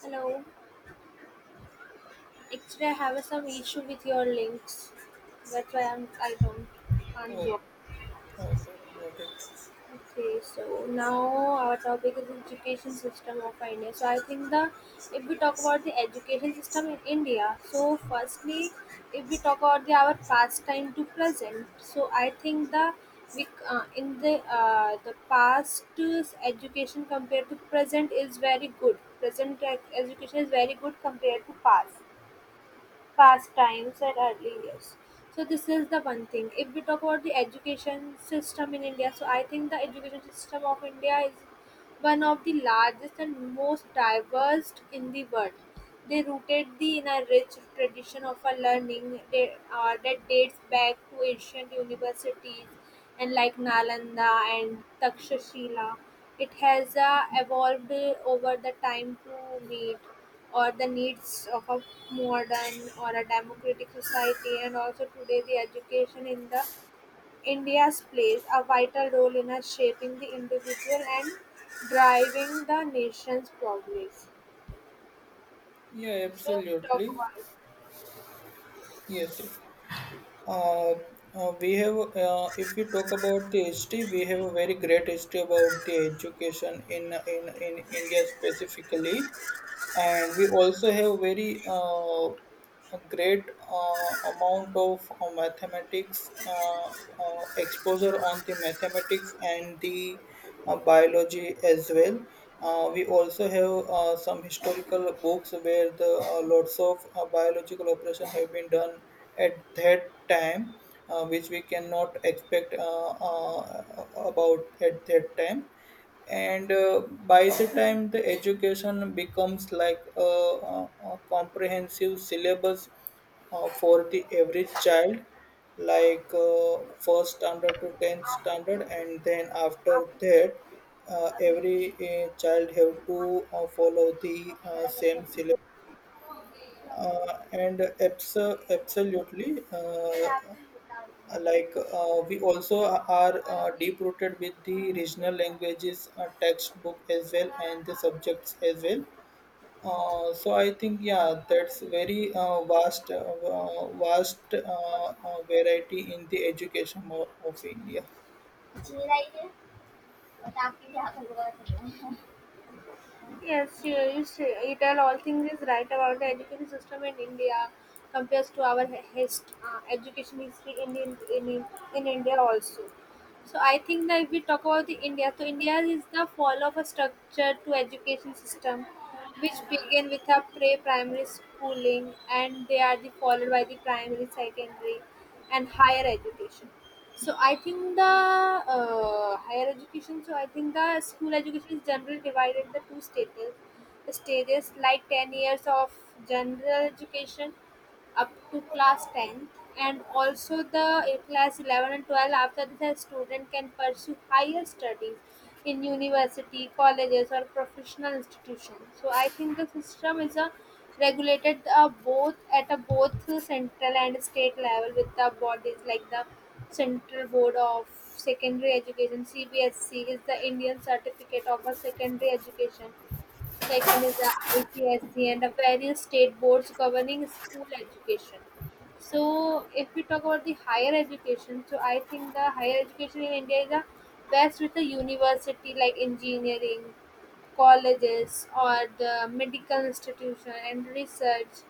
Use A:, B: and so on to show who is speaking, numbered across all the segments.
A: Hello. Actually, I have some issue with your links. That's why I'm, I don't can't Yeah.
B: Oh,
A: go.
B: okay, okay, got it.
A: Okay, so now our topic is education system of India. So I think the if we talk about the education system in India, so firstly, if we talk about the our past time to present, so I think the we in the past education compared to present is very good. Present education is very good compared to past pastimes at early years. So this is the one thing. If we talk about the education system in India, so I think the education system of India is one of the largest and most diverse in the world. They rooted the in a rich tradition of a learning that dates back to ancient universities and like Nalanda and Takshashila. It has evolved over the time to meet or the needs of a modern or a democratic society. And also today the education in the India's plays a vital role in us shaping the individual and driving the nation's progress.
B: Yeah,
A: So talk
B: absolutely.
A: about
B: Yes. Uh, we have, if we talk about the history, we have a very great history about the education in India specifically. And we also have very a great amount of mathematics exposure on the mathematics and the biology as well. We also have some historical books where the lots of biological operation have been done at that time, which we cannot expect about at that time, and by the time the education becomes like a comprehensive syllabus for the average child, like first standard to 10th standard, and then after that every child have to follow the same syllabus. And abso- absolutely like We also are deep rooted with the regional languages textbook as well, and the subjects as well. So I think, yeah, that's very vast variety in the education of India.
A: yes, she, you tell all things is right about the education system in India compares to our education history in India also. So I think that if we talk about the India, so India is the fall of a structure to education system which began with a pre-primary schooling and they are the followed by the primary, secondary and higher education. So I think the school education is generally divided into two stages. Stages like 10 years of general education up to class 10, and also the class 11 and 12. After this a student can pursue higher studies in university colleges or professional institutions. So I think the system is a regulated both at a both central and state level, with the bodies like the central board of secondary education, CBSC, is the Indian certificate of a secondary education. Second is the ICSC, and the various state boards governing school education. So, if we talk about the higher education, so I think the higher education in India is the best with the university like engineering, colleges or the medical institution and research.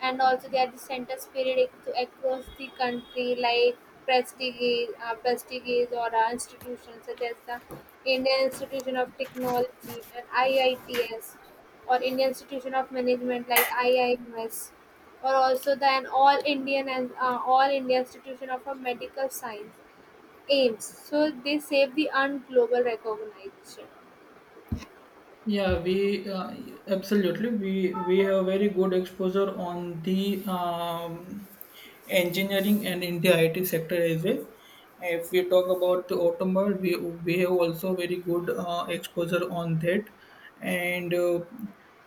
A: And also they are the center spirit across the country, like prestige prestigious or institutions such as the Indian institution of technology and IITs, or Indian institution of management like IIMs, or also the an all Indian and all India institution of a medical science, AIMS. So they save the UN global recognition.
B: Yeah, we uh, absolutely we have very good exposure on the engineering and India IT sector as well. If we talk about the automobile, we have also very good exposure on that. And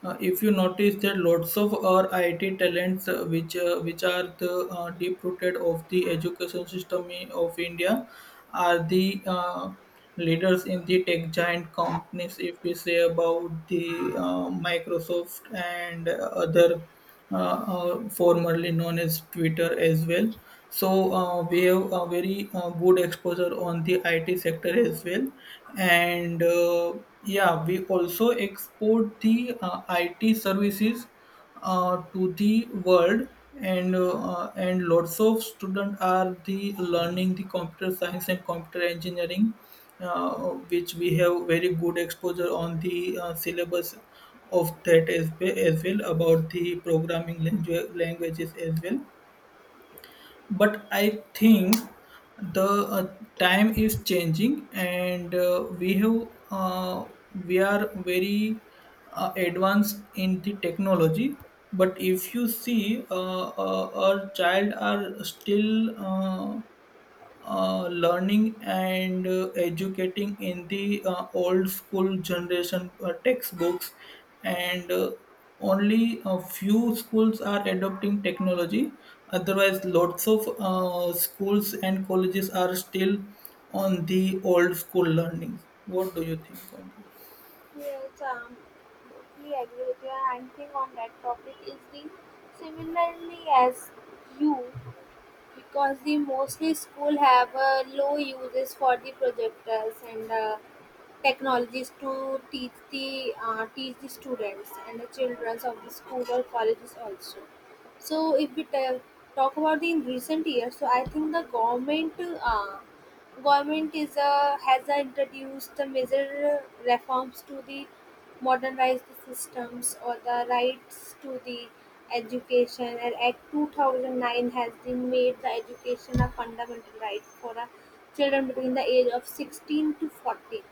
B: If you notice that lots of our IT talents, which are the deep rooted of the education system of India, are the leaders in the tech giant companies. If we say about the Microsoft, and other formerly known as Twitter as well. So we have a very good exposure on the IT sector as well, and yeah, we also export the IT services to the world. And lots of students are the learning the computer science and computer engineering, uh, which we have very good exposure on the syllabus of that as, as well, about the languages as well. But I think the uh, time is changing, and uh, we are very advanced in the technology. But if you see our child are still learning and educating in the old school generation textbooks, and only a few schools are adopting technology. Otherwise, lots of schools and colleges are still on the old school learning. What do you think on that?
A: Yes, totally agree with you. And thing on that topic is the similarly as you, because the mostly school have low uses for the projectors and technologies to teach the students and the children of the school or colleges also. So if we talk about the in recent years, so I think the Government is a, has a introduced the major reforms to the modernize the systems or the rights to the education and act 2009 has been made the education a fundamental right for a children between the age of 16 to 40.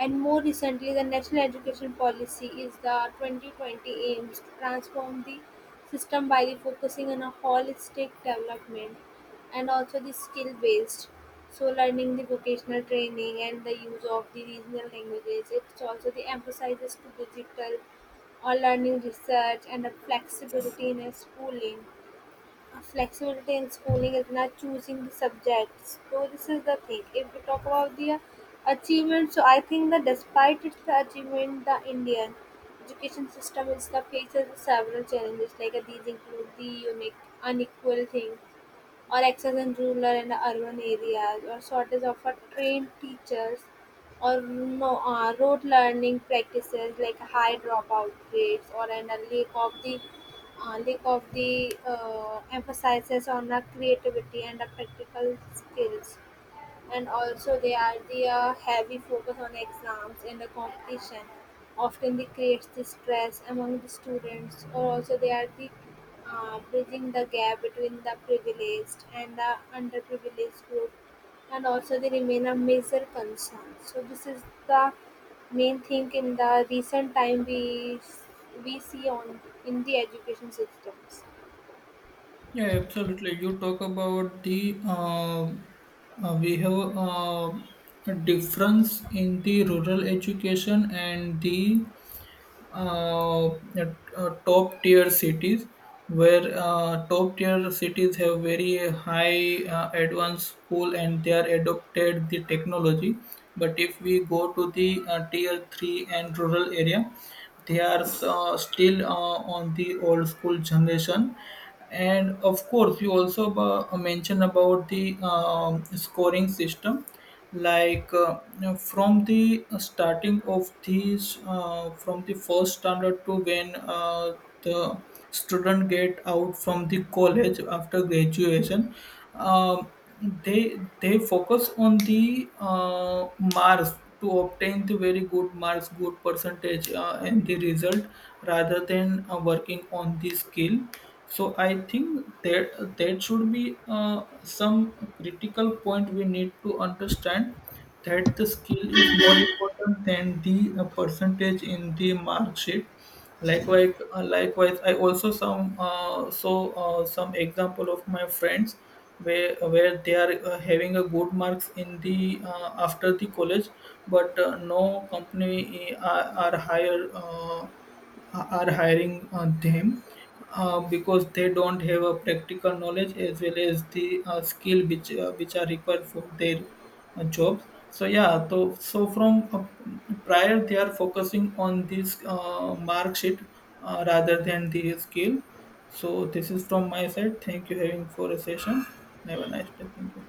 A: And more recently the national education policy is the 2020 aims to transform the system by the focusing on a holistic development and also the skill based. So learning the vocational training and the use of the regional languages. It also the emphasizes to digital or learning research and the flexibility in a schooling. A flexibility in schooling is not choosing the subjects. So this is the thing if we talk about the achievement. So I think that despite its achievement, the Indian education system is the faces several challenges like these include the unique unequal thing or excel in rural and urban areas, or shortage of a trained teachers, or no, rote learning practices like high dropout rates, or an a lack of the emphasis on the creativity and the practical skills. And also they are the heavy focus on exams and the competition often they creates the stress among the students. Or also they are the bridging the gap between the privileged and the underprivileged group, and also they remain a major concern. So this is the main thing in the recent time we see on in the education systems.
B: Yeah, absolutely. You talk about the we have a difference in the rural education and the top tier cities, where top tier cities have very high advanced school and they are adopted the technology. But if we go to the tier 3 and rural area, they are still on the old school generation. And of course, you also mentioned about the scoring system. Like now from the starting of these, from the first standard to when the student get out from the college after graduation, um, they they focus on the marks, to obtain the very good marks, good percentage, and the result, rather than working on the skill. So I think there should be some critical point we need to understand, that the skill is more important than the percentage in the mark sheet. Likewise, I also some, some example of my friends, where they are having a good marks in the after the college, but no company are hiring them, because they don't have a practical knowledge as well as the skill, which are required for their jobs. So yeah, so so from prior they are focusing on this mark sheet, rather than the skill. So this is from my side. Thank you having for a session. Have a nice day. Thank you.